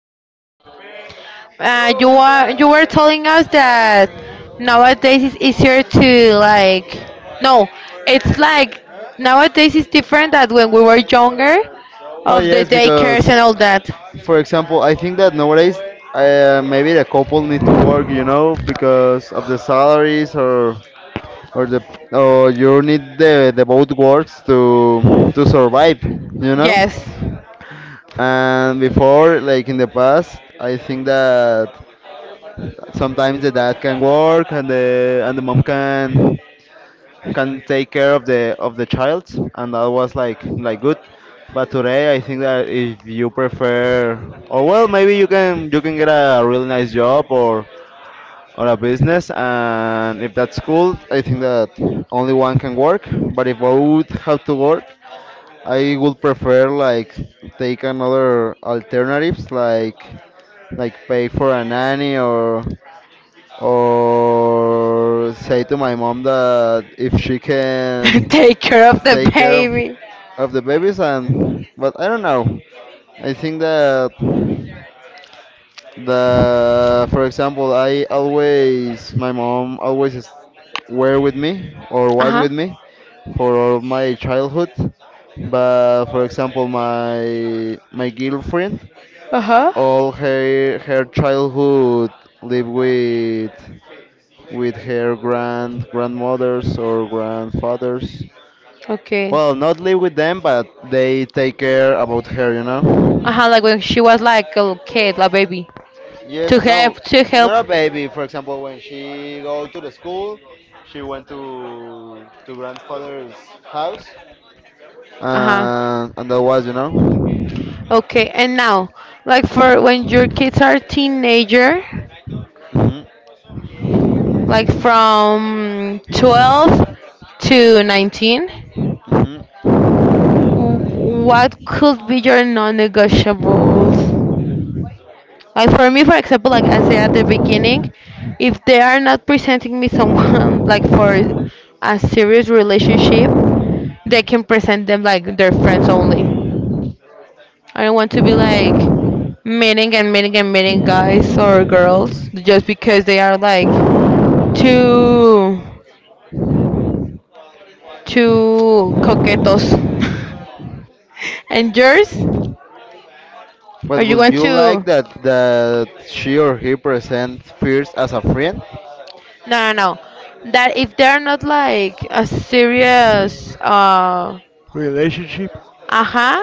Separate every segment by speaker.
Speaker 1: we were?
Speaker 2: You were telling us that nowadays it's easier to like no, it's like nowadays it's different that when we were younger,
Speaker 1: Oh
Speaker 2: of the
Speaker 1: yes,
Speaker 2: daycares
Speaker 1: because
Speaker 2: and all that.
Speaker 1: for example, I think that nowadays maybe the couple need to work, because of the salaries or the or you need the both works to survive.
Speaker 2: Yes.
Speaker 1: And before, like in the past, I think that sometimes the dad can work and the mom can take care of the child, and that was like good. But today, I think that if you prefer, or well, maybe you can get a really nice job or a business, and if that's cool, I think that only one can work. But if I would have to work, I would prefer like take another alternatives like pay for a nanny or say to my mom that if she can
Speaker 2: Take care of the
Speaker 1: take care of,
Speaker 2: baby.
Speaker 1: of the babies and but I don't know. I think that the for example I always my mom always is, were with me or
Speaker 2: Uh
Speaker 1: was
Speaker 2: huh.
Speaker 1: with me for all my childhood, but for example my girlfriend,
Speaker 2: Uh huh.
Speaker 1: all her childhood, lived with her grandmothers or grandfathers.
Speaker 2: Okay.
Speaker 1: Well, not live with them, but they take care about her, you
Speaker 2: Uh
Speaker 1: know.
Speaker 2: huh. Like when she was like a little kid, like baby,
Speaker 1: Yes,
Speaker 2: to
Speaker 1: no,
Speaker 2: help.
Speaker 1: not a baby. For example, when she go to the school, she went to grandfather's house,
Speaker 2: Uh,
Speaker 1: and that was.
Speaker 2: okay, and now, like for when your kids are teenager,
Speaker 1: hmm
Speaker 2: like from 12 to 19,
Speaker 1: hmm
Speaker 2: what could be your non-negotiables? Like for me, for example, like I said at the beginning, if they are not presenting me someone like for a serious relationship, they can present them like their friends only. I don't want to be like meeting and meeting and meeting guys or girls just because they are like two two coquetos. And yours?
Speaker 1: But
Speaker 2: Or you
Speaker 1: would
Speaker 2: want
Speaker 1: you
Speaker 2: to?
Speaker 1: like that she or he present first as a friend?
Speaker 2: No, no, no. That if they're not like a serious,
Speaker 1: Relationship.
Speaker 2: uh-huh,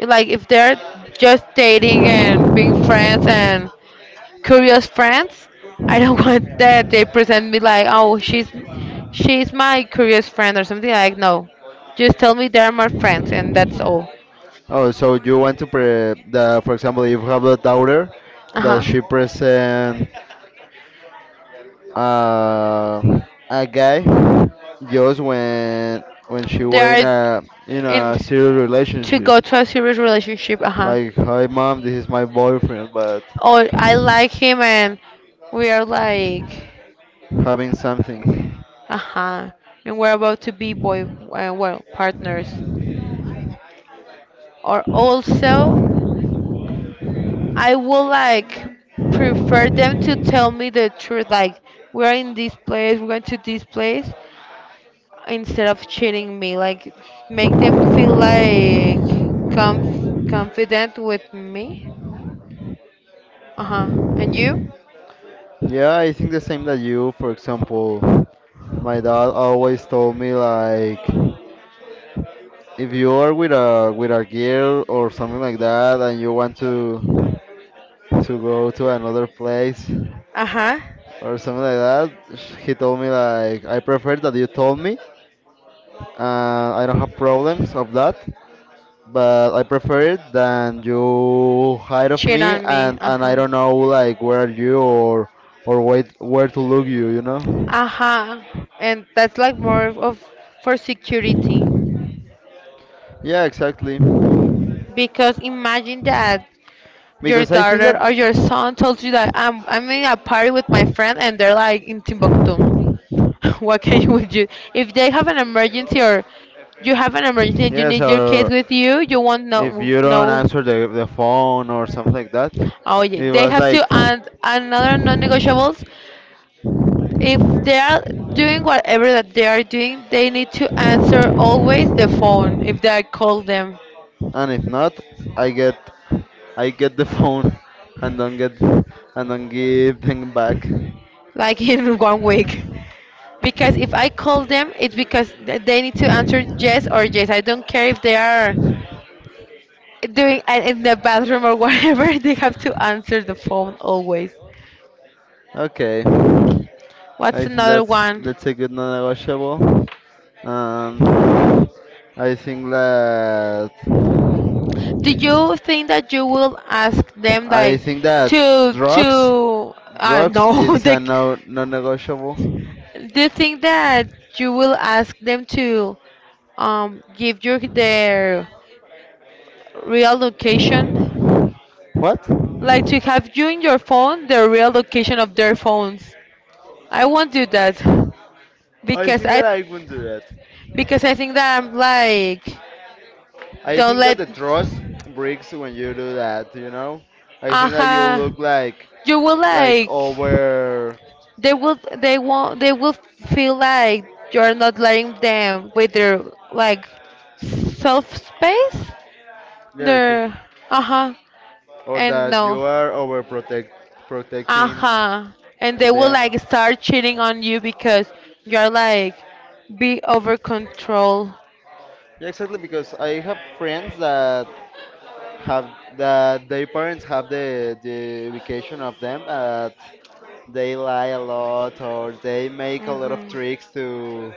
Speaker 2: like if they're just dating and being friends and curious friends, I don't want that they present me like, oh, she's my curious friend or something like. No, just tell me they're my friends and that's all.
Speaker 1: Oh, so you want to for example, if you have a daughter
Speaker 2: Uh
Speaker 1: that
Speaker 2: huh.
Speaker 1: she present uh, a guy just when she
Speaker 2: They
Speaker 1: were in
Speaker 2: are
Speaker 1: a in
Speaker 2: in.
Speaker 1: a serious
Speaker 2: To
Speaker 1: relationship.
Speaker 2: go to a serious relationship. Uh huh.
Speaker 1: Like, hi Mom, this is my boyfriend, but
Speaker 2: Or I like him and we are like,
Speaker 1: having something.
Speaker 2: uh huh. And we're about to be boy, well, partners. Or also, I would like prefer them to tell me the truth. Like we're in this place, we're going to this place, instead of cheating me. Like make them feel like conf- confident with me. Uh huh. And you?
Speaker 1: Yeah, I think the same that you. For example, my dad always told me like if you are with a girl or something like that and you want to go to another place
Speaker 2: Uh huh.
Speaker 1: or something like that, he told me like, I prefer that you told me. I don't have problems of that, but I prefer it than you hide of
Speaker 2: Cheat
Speaker 1: me
Speaker 2: on me.
Speaker 1: and
Speaker 2: Uh
Speaker 1: and I
Speaker 2: huh.
Speaker 1: don't know like where are you or wait where to look you you know
Speaker 2: Uh huh. And that's like more of for security.
Speaker 1: Yeah, exactly,
Speaker 2: Because imagine that your
Speaker 1: because I think that.
Speaker 2: daughter or your son told you that I'm in a party with my friend and they're like in Timbuktu. What can you would you if they have an emergency or you have an emergency and you
Speaker 1: Yes,
Speaker 2: need your
Speaker 1: or
Speaker 2: kids with you, you won't
Speaker 1: if
Speaker 2: know,
Speaker 1: you don't
Speaker 2: no?
Speaker 1: answer the phone or something like that.
Speaker 2: Oh yeah,
Speaker 1: It
Speaker 2: they
Speaker 1: was
Speaker 2: have to
Speaker 1: like,
Speaker 2: add another non-negotiables. If they are doing whatever that they are doing, they need to answer always the phone if they call them,
Speaker 1: and if not, i get I get the phone and don't get and don't give them back.
Speaker 2: like in one week. Because if I call them, it's because they need to answer yes or yes. I don't care if they are doing in the bathroom or whatever, they have to answer the phone always.
Speaker 1: Okay,
Speaker 2: What's
Speaker 1: I think
Speaker 2: another
Speaker 1: that's
Speaker 2: one?
Speaker 1: that's a good non-negotiable. um I think that
Speaker 2: Do you think that you will ask them
Speaker 1: i
Speaker 2: like
Speaker 1: think that drugs
Speaker 2: to
Speaker 1: drugs
Speaker 2: no
Speaker 1: it's
Speaker 2: they
Speaker 1: a no non-negotiable.
Speaker 2: do you think that you will ask them to, give you their real location?
Speaker 1: What?
Speaker 2: Like to have you in your phone the real location of their phones. I won't do that
Speaker 1: I
Speaker 2: because
Speaker 1: think
Speaker 2: I,
Speaker 1: that I wouldn't do that.
Speaker 2: because I think that I'm like
Speaker 1: I
Speaker 2: don't
Speaker 1: think that
Speaker 2: let,
Speaker 1: the trust breaks when you do that, you know? I think that you
Speaker 2: uh,
Speaker 1: look like
Speaker 2: you will
Speaker 1: like
Speaker 2: like
Speaker 1: over
Speaker 2: they will they won't they will feel like you're not letting them with their like self space.
Speaker 1: Yeah,
Speaker 2: They're
Speaker 1: exactly.
Speaker 2: uh-huh
Speaker 1: Or
Speaker 2: and
Speaker 1: that you
Speaker 2: no.
Speaker 1: are over protecting
Speaker 2: Uh-huh. And they will
Speaker 1: them.
Speaker 2: like start cheating on you because you're like be over control.
Speaker 1: Yeah, exactly, because I have friends that have, that their parents have the vacation of them, that they lie a lot or they make a lot of
Speaker 2: Mhm.
Speaker 1: tricks to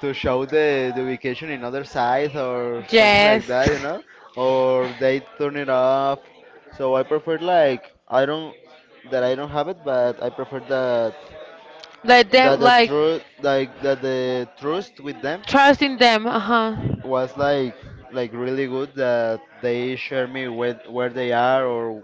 Speaker 1: to show the vacation in other side or something like
Speaker 2: Yes.
Speaker 1: that. Or they turn it off. So I prefer, like, I don't that I don't have it, but I prefer that
Speaker 2: Let
Speaker 1: that
Speaker 2: them
Speaker 1: the
Speaker 2: like
Speaker 1: truth, like that the trust with them
Speaker 2: trusting them. Uh-huh.
Speaker 1: was like really good, that they share me where they are or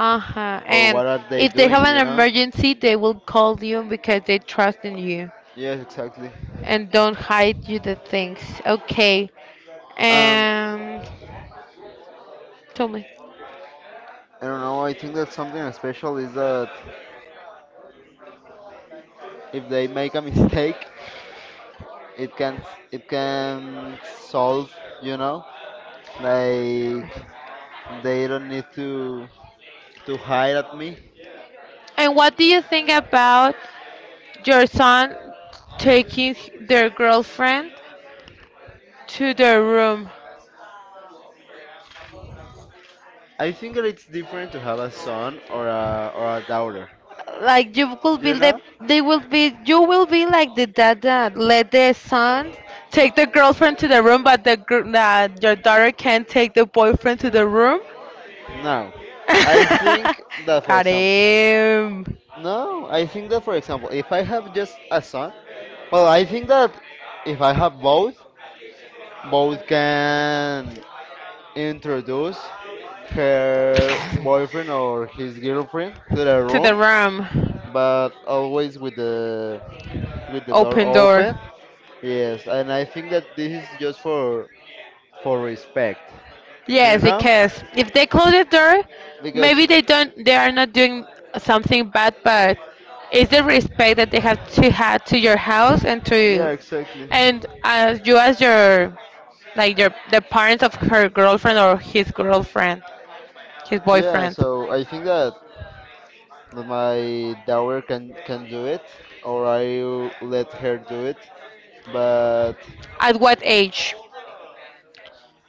Speaker 2: Uh-huh.
Speaker 1: or
Speaker 2: And
Speaker 1: what are they
Speaker 2: if they
Speaker 1: doing
Speaker 2: have an
Speaker 1: you know
Speaker 2: emergency, they will call you because they trust in you
Speaker 1: Yes, exactly.
Speaker 2: and don't hide you the things. Okay.
Speaker 1: um
Speaker 2: And tell me.
Speaker 1: I don't know. I think that something special is that if they make a mistake, it can it can solve you know Like, they don't need to hide at me.
Speaker 2: And what do you think about your son taking their girlfriend to their room.
Speaker 1: I think that it's different to have a son or a daughter.
Speaker 2: Like you will be
Speaker 1: You
Speaker 2: the
Speaker 1: know?
Speaker 2: they will be you will be like the dad that let the son take the girlfriend to the room, but your daughter can't take the boyfriend to the room.
Speaker 1: No. I think that, for
Speaker 2: Got
Speaker 1: example.
Speaker 2: him.
Speaker 1: No, I think that, for example, if I have just a son, well, I think that if I have both, both can introduce her boyfriend or his girlfriend to the
Speaker 2: To the
Speaker 1: room,
Speaker 2: room.
Speaker 1: but always with the door
Speaker 2: Open door.
Speaker 1: open. Yes, and I think that this is just for respect, you
Speaker 2: Yes,
Speaker 1: know,
Speaker 2: because if they close the door,
Speaker 1: because,
Speaker 2: maybe they are not doing something bad, but it's the respect that they have to your house and
Speaker 1: yeah,
Speaker 2: to
Speaker 1: exactly.
Speaker 2: and as you as your like your the parents of her girlfriend or his girlfriend, his
Speaker 1: Yeah,
Speaker 2: boyfriend.
Speaker 1: so I think that my daughter can do it, or I will let her do it. But
Speaker 2: At what age?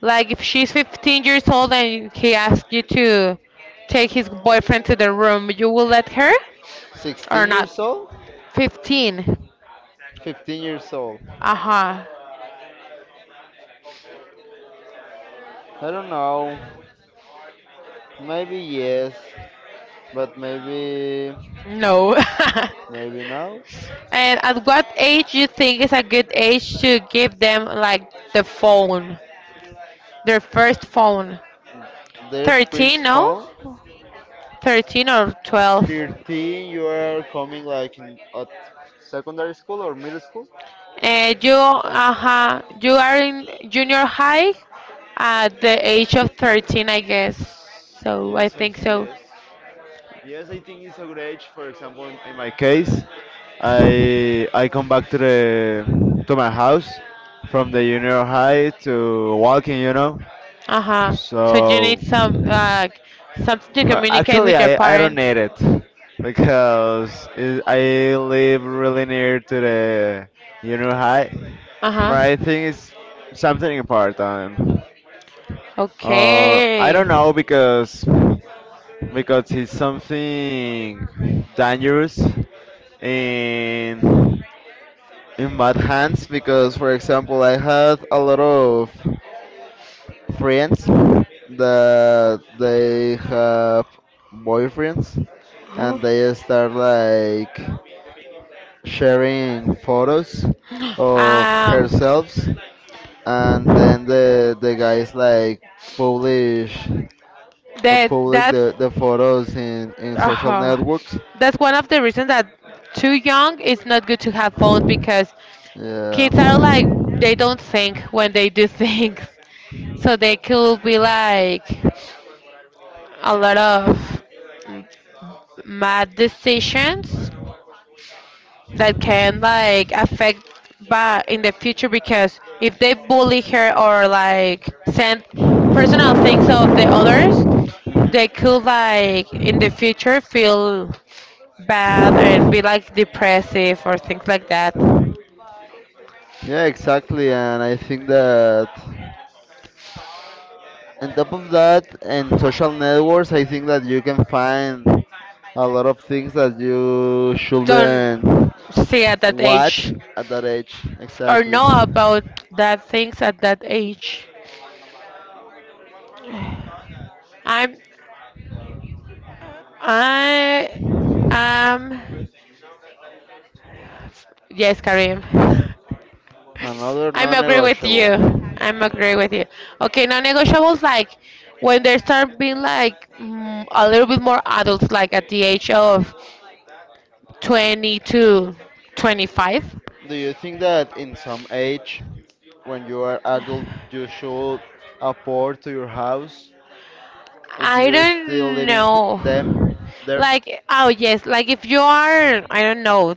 Speaker 2: Like if she's 15 years old and he asks you to take his boyfriend to the room, you will let her or
Speaker 1: 16
Speaker 2: not?
Speaker 1: years old,
Speaker 2: 15.
Speaker 1: 15 years old.
Speaker 2: Uh-huh.
Speaker 1: I don't know. Maybe yes, but maybe
Speaker 2: No.
Speaker 1: maybe now.
Speaker 2: And at what age you think is a good age to give them like the phone, their first phone?
Speaker 1: Their
Speaker 2: 13,
Speaker 1: first
Speaker 2: no?
Speaker 1: phone.
Speaker 2: 13 or 12.
Speaker 1: 13, you are coming like in at secondary school or middle school.
Speaker 2: And you, uh-huh, you are in junior high at the age of 13, I guess. So I
Speaker 1: Yes, I
Speaker 2: think
Speaker 1: think
Speaker 2: so.
Speaker 1: yes. Yes, I think it's a good age. For example, in my case, I come back to my house from the junior high to walking.
Speaker 2: Uh-huh. So you
Speaker 1: So
Speaker 2: need some, something to communicate
Speaker 1: actually,
Speaker 2: with your
Speaker 1: I don't
Speaker 2: parents.
Speaker 1: need it, because I live really near to the junior high. But
Speaker 2: Uh-huh.
Speaker 1: I think it's something important, or I
Speaker 2: Okay.
Speaker 1: don't know, because it's something dangerous in in bad hands, because for example I had a lot of friends that they have boyfriends and they start like sharing photos of
Speaker 2: Um,
Speaker 1: herself, and then the guys like publish
Speaker 2: that
Speaker 1: public the photos in social
Speaker 2: uh,
Speaker 1: networks.
Speaker 2: that's one of the reasons that too young it's not good to have phones because
Speaker 1: Yeah.
Speaker 2: kids are like they don't think when they do things, so they could be like a lot of mad decisions that can like affect but in the future because if they bully her or like send personal things of the others they could like in the future feel bad and be like depressive or things like that.
Speaker 1: Yeah, exactly. And I think that on top of that, and social networks, I think that you can find a lot of things that you
Speaker 2: Don't
Speaker 1: shouldn't
Speaker 2: see at that age
Speaker 1: watch at that age.
Speaker 2: or
Speaker 1: Exactly.
Speaker 2: know about that things at that age. I'm I am, yes, Karim.
Speaker 1: Another
Speaker 2: I'm agree with
Speaker 1: non-negotiable.
Speaker 2: you. I'm agree with you. Okay, non-negotiables like when they start being like mm, a little bit more adults, like at the age of 22, 25.
Speaker 1: Do you think that in some age, when you are adult, you should afford to your house if
Speaker 2: I
Speaker 1: you are still
Speaker 2: don't
Speaker 1: living
Speaker 2: know.
Speaker 1: them there?
Speaker 2: Like, oh yes, like if you are, I don't know,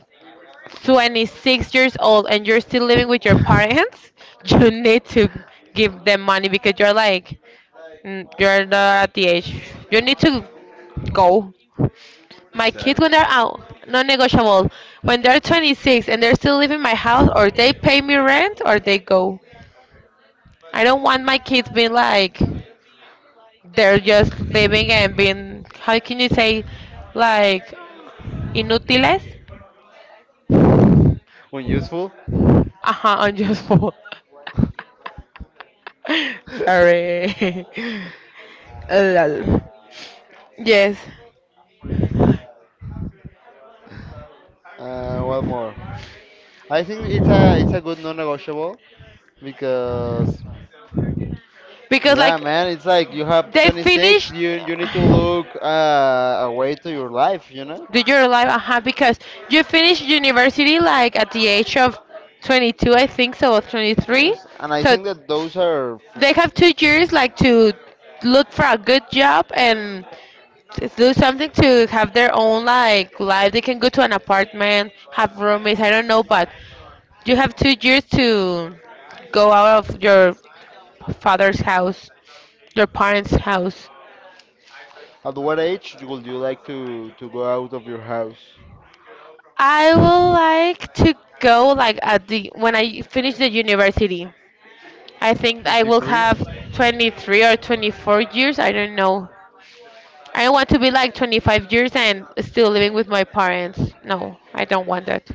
Speaker 2: 26 years old and you're still living with your parents, you need to give them money because you're like, mm, you're not at the age. You need to go. My kids,
Speaker 1: Exact.
Speaker 2: when they're out, non-negotiable. When they're 26 and they're still living in my house, or they pay me rent, or they go. I don't want my kids being like. They're just living and being, how can you say, like, inútiles?
Speaker 1: When useful.
Speaker 2: Uh-huh, unuseful. Sorry. Lol. Yes.
Speaker 1: One more. I think it's a good non-negotiable, because
Speaker 2: Because,
Speaker 1: yeah,
Speaker 2: like,
Speaker 1: man, it's like you have
Speaker 2: they
Speaker 1: 26,
Speaker 2: finished
Speaker 1: you need to look a way to your life.
Speaker 2: do your life, uh-huh, because you finished university like at the age of 22, I think so, or 23,
Speaker 1: Yes, and I
Speaker 2: so
Speaker 1: think that those are.
Speaker 2: they have two years like to look for a good job and do something to have their own like life. They can go to an apartment, have roommates. I don't know, but you have two years to go out of your father's house, your parents' house.
Speaker 1: At what age would you like to go out of your house?
Speaker 2: I would like to go like at the when I finish the university. I think I will have 23 or 24 years. I don't know. I don't want to be like 25 years and still living with my parents. No, I don't want that.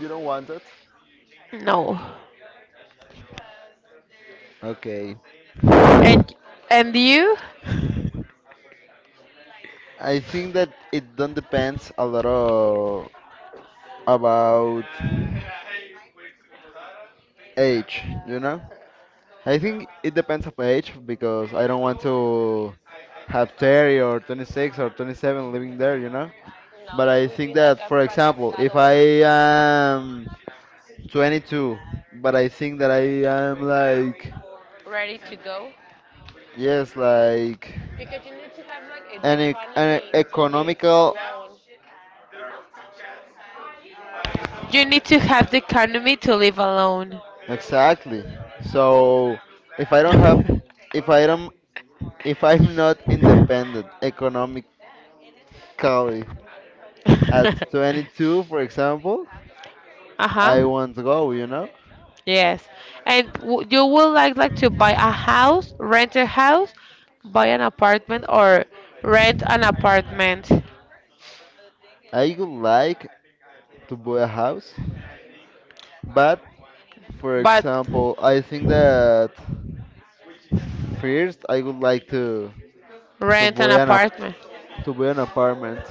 Speaker 1: You don't want it.
Speaker 2: No.
Speaker 1: Okay.
Speaker 2: And and you?
Speaker 1: I think that it don't depends a lot of about age, you know? I think it depends of age, because I don't want to have 30 or 26 or 27 living there, you know? But I think that, for example, if I am 22, but I think that I am like,
Speaker 2: Ready to go
Speaker 1: yes, like
Speaker 2: because you need to have like a, the
Speaker 1: an
Speaker 2: economy to live
Speaker 1: economical,
Speaker 2: alone. You need to have the economy to live alone.
Speaker 1: exactly. So if I don't have, if I don't If I'm not independent economically at 22, for example, I
Speaker 2: Uh-huh.
Speaker 1: want to go, you know?
Speaker 2: Yes. And w you would like to buy a house, rent a house, buy an apartment or rent an apartment.
Speaker 1: I would like to buy a house, but for
Speaker 2: But
Speaker 1: example, I think that first I would like to
Speaker 2: rent an
Speaker 1: buy an ap-
Speaker 2: apartment.
Speaker 1: to buy an apartment,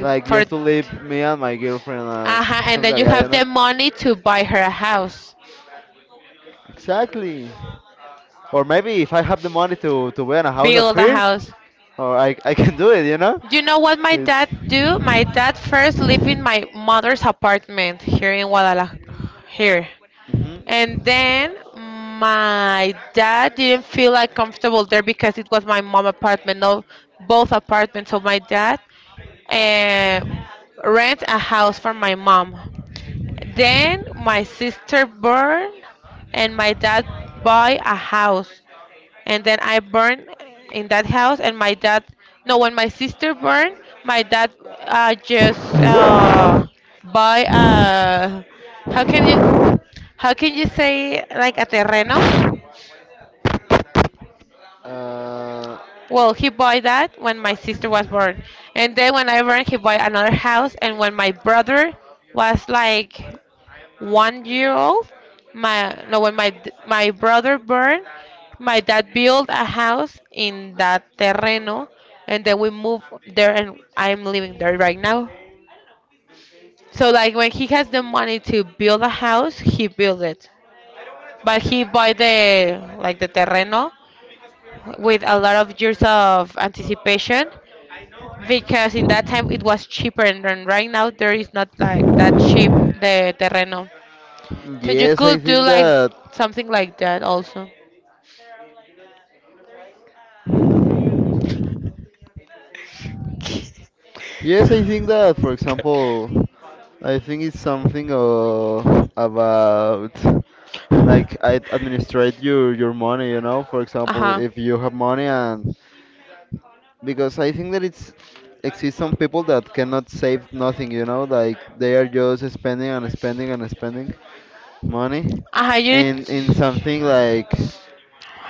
Speaker 1: like
Speaker 2: for
Speaker 1: just to live me and my girlfriend and
Speaker 2: uh-huh, and
Speaker 1: something
Speaker 2: then
Speaker 1: like
Speaker 2: you
Speaker 1: that, you
Speaker 2: have
Speaker 1: know?
Speaker 2: the money to buy her a house,
Speaker 1: Exactly. Or maybe if I have the money to buy a house at
Speaker 2: build a
Speaker 1: first,
Speaker 2: house.
Speaker 1: or I can do it, you know?
Speaker 2: You know what my dad do?
Speaker 1: It's,
Speaker 2: My dad first lived in my mother's apartment here in Guadalajara, here. And
Speaker 1: hmm
Speaker 2: then my dad didn't feel like comfortable there because it was my mom apartment, no, both apartments of my dad, and rent a house for my mom. Then my sister born and my dad buy a house and then I burned in that house. And my dad, no, when my sister burned, my dad, just buy a how can you how can you say like a terreno? Well, he bought that when my sister was born, and then when I
Speaker 1: Uh,
Speaker 2: burned, he bought another house. And when my brother was like one year old. My no, when my d- my brother born, my dad built a house in that terreno, and then we moved there, and I'm living there right now. So like when he has the money to build a house, he build it. But he buy the like the terreno with a lot of years of anticipation because in that time it was cheaper and then right now there is not like that cheap the terreno. Then you
Speaker 1: Yes, I
Speaker 2: could do
Speaker 1: think
Speaker 2: like
Speaker 1: that.
Speaker 2: something like that also.
Speaker 1: Yes, I think that. For example, I think it's something about, like, I administrate your money. You know, for
Speaker 2: Uh
Speaker 1: example,
Speaker 2: huh.
Speaker 1: if you have money, and because I think that it's exists some people that cannot save nothing. You know, like they are just spending and spending and spending money
Speaker 2: Uh huh. You need.
Speaker 1: in
Speaker 2: To...
Speaker 1: in something like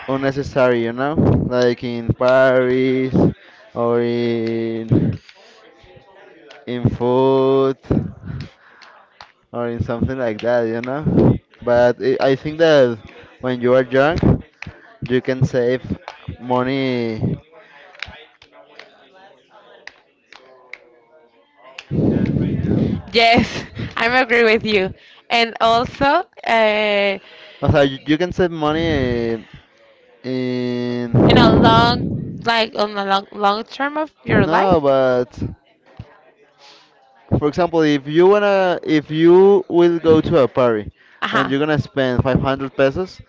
Speaker 1: unnecessary, you know, like in Paris or in food or in something like that. But I think that when you are young, you can save money.
Speaker 2: Yes, I'm agree with you. And also, uh,
Speaker 1: Also, you can save money in
Speaker 2: in a long, like on a long, long, term of your
Speaker 1: no,
Speaker 2: life.
Speaker 1: but. For example, if you will go to a party
Speaker 2: Uh
Speaker 1: and
Speaker 2: huh.
Speaker 1: you're gonna spend 500 pesos,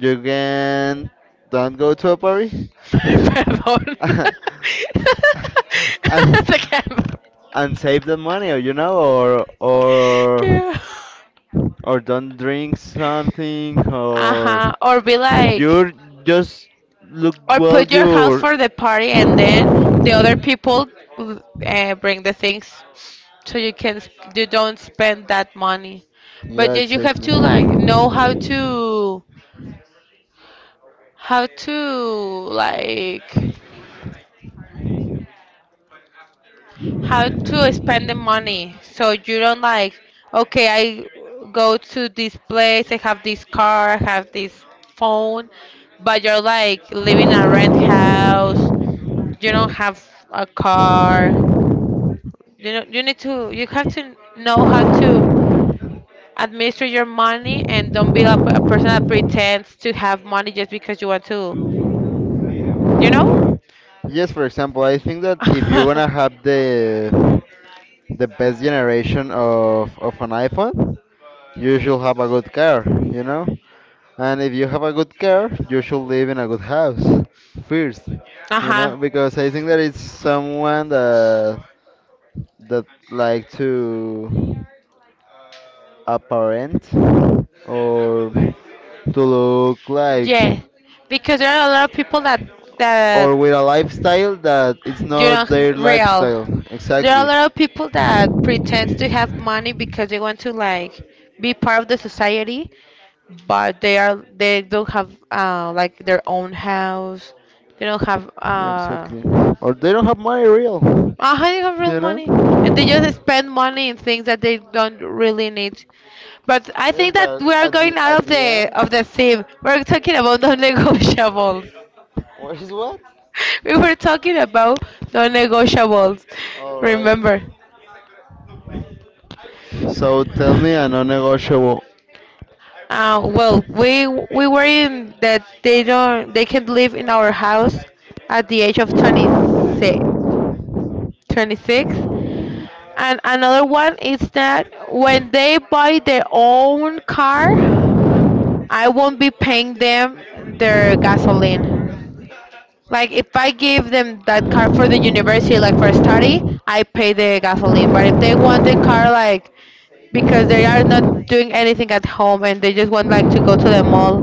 Speaker 1: you can don't go to a party.
Speaker 2: Perdón.
Speaker 1: And
Speaker 2: Te quedas.
Speaker 1: save the money, or you know or or
Speaker 2: Que-.
Speaker 1: or don't drink something, or
Speaker 2: Ajá, or be like,
Speaker 1: you just look
Speaker 2: or
Speaker 1: well
Speaker 2: put your house
Speaker 1: your.
Speaker 2: for the party and then the other people, bring the things so you can you don't spend that money. But
Speaker 1: Yeah,
Speaker 2: yeah, you have
Speaker 1: exactly.
Speaker 2: to like know how to like how to spend the money so you don't like okay I go to this place I have this car I have this phone but you're like living in a rent house you don't have a car. You know, you need to, you have to know how to administer your money and don't be a, a person that pretends to have money just because you want to, you know?
Speaker 1: Yes, for example, I think that if you're gonna have the best generation of an iPhone, you should have a good car, you know? And if you have a good car, you should live in a good house first,
Speaker 2: Uh
Speaker 1: you
Speaker 2: huh.
Speaker 1: know? Because I think that it's someone that like to apparent, or to look like,
Speaker 2: Yeah, because there are a lot of people that
Speaker 1: or with a lifestyle that it's
Speaker 2: you
Speaker 1: not
Speaker 2: don't
Speaker 1: their
Speaker 2: real.
Speaker 1: lifestyle.
Speaker 2: There are a
Speaker 1: Exactly.
Speaker 2: lot of people that pretend to have money because they want to like be part of the society, but they are
Speaker 1: Yeah,
Speaker 2: they don't have like their own house. They don't have
Speaker 1: exactly. Or they don't have money real
Speaker 2: they have real
Speaker 1: you know
Speaker 2: money. And they just spend money in things that they don't really need. But I
Speaker 1: yes,
Speaker 2: think that
Speaker 1: but
Speaker 2: we are
Speaker 1: at the
Speaker 2: going out
Speaker 1: at
Speaker 2: of
Speaker 1: the
Speaker 2: the
Speaker 1: end,
Speaker 2: of the theme. We're talking about non-negotiables.
Speaker 1: where is what.
Speaker 2: We were talking about non-negotiables.
Speaker 1: All right.
Speaker 2: Remember.
Speaker 1: So tell me a non-negotiable.
Speaker 2: Well, we were in that they don't they can live in our house at the age of 26. 26. And another one is that when they buy their own car, I won't be paying them their gasoline. Like if I give them that car for the university, like for study, I pay the gasoline. But if they want the car, like because they are not doing anything at home and they just want like to go to the mall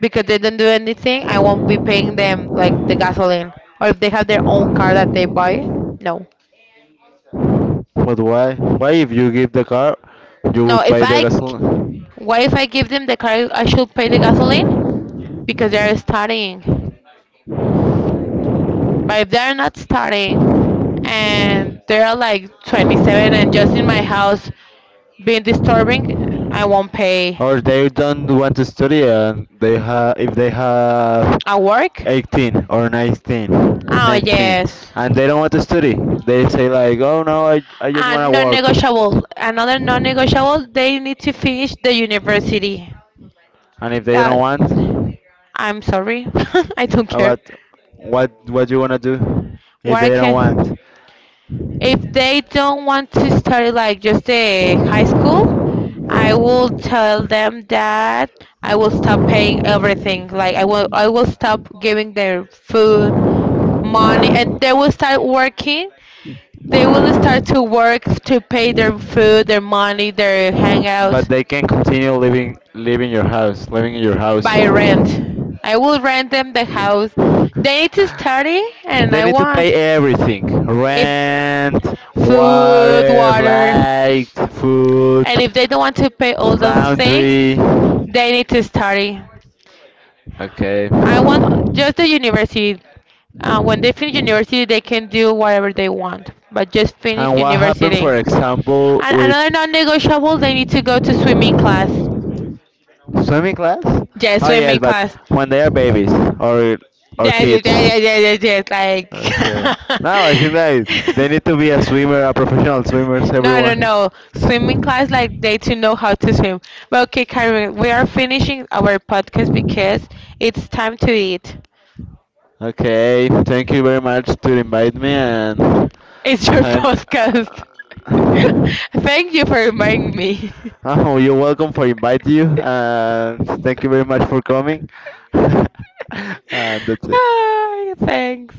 Speaker 2: because they don't do anything, I won't be paying them like the gasoline. Or if they have their own car that they buy, no.
Speaker 1: But why? Why if you give the car, you will
Speaker 2: No, if
Speaker 1: pay the
Speaker 2: I
Speaker 1: gasoline?
Speaker 2: what if I give them the car? I should pay the gasoline because they are studying. But if they are not studying and they are like 27 and just in my house being disturbing, I won't pay.
Speaker 1: Or they don't want to study, and they have if they have
Speaker 2: At work?
Speaker 1: 18 or nineteen,
Speaker 2: Oh
Speaker 1: nineteen,
Speaker 2: yes.
Speaker 1: and they don't want to study. They say like, oh no, I just want
Speaker 2: And non-negotiable. Another
Speaker 1: to work.
Speaker 2: non-negotiable. They need to finish the university.
Speaker 1: And if they
Speaker 2: Uh,
Speaker 1: don't want,
Speaker 2: I'm sorry. I don't care.
Speaker 1: about what you wanna do if
Speaker 2: What I
Speaker 1: they don't
Speaker 2: can.
Speaker 1: want,
Speaker 2: If they don't want to study like just the high school, I will tell them that I will stop paying everything. Like I will stop giving their food, money and they will start working. They will start to work to pay their food, their money, their
Speaker 1: but
Speaker 2: hangouts
Speaker 1: they can continue living in your house.
Speaker 2: by rent. I will rent them the house. They need to study and
Speaker 1: They
Speaker 2: I
Speaker 1: need to
Speaker 2: want
Speaker 1: pay everything:
Speaker 2: if
Speaker 1: rent,
Speaker 2: food,
Speaker 1: water,
Speaker 2: water.
Speaker 1: light, food,
Speaker 2: And if they don't want to pay all those things,
Speaker 1: laundry.
Speaker 2: they need to study.
Speaker 1: Okay.
Speaker 2: I want just the university. When they finish university, they can do whatever they want, but just finish
Speaker 1: And what happened,
Speaker 2: university.
Speaker 1: for example,
Speaker 2: And
Speaker 1: with
Speaker 2: another non-negotiable, they need to go to swimming class.
Speaker 1: swimming class?
Speaker 2: Yes,
Speaker 1: Oh yes,
Speaker 2: swimming
Speaker 1: but
Speaker 2: class.
Speaker 1: when they are babies or or
Speaker 2: Yes, yes,
Speaker 1: kids.
Speaker 2: yes, yes, yes, yes. Yes,
Speaker 1: Okay. Now I think that
Speaker 2: like.
Speaker 1: they need to be a swimmer, a professional swimmers,
Speaker 2: No, no,
Speaker 1: everyone.
Speaker 2: no. Swimming class, like they to know how to swim. But okay, Karen, we are finishing our podcast because it's time to eat.
Speaker 1: Okay, thank you very much to invite me, and
Speaker 2: It's your
Speaker 1: I'm
Speaker 2: podcast. Thank you for reminding me.
Speaker 1: Oh, you're welcome for invite you, and thank you very much for coming. And that's it.
Speaker 2: Ah, thanks.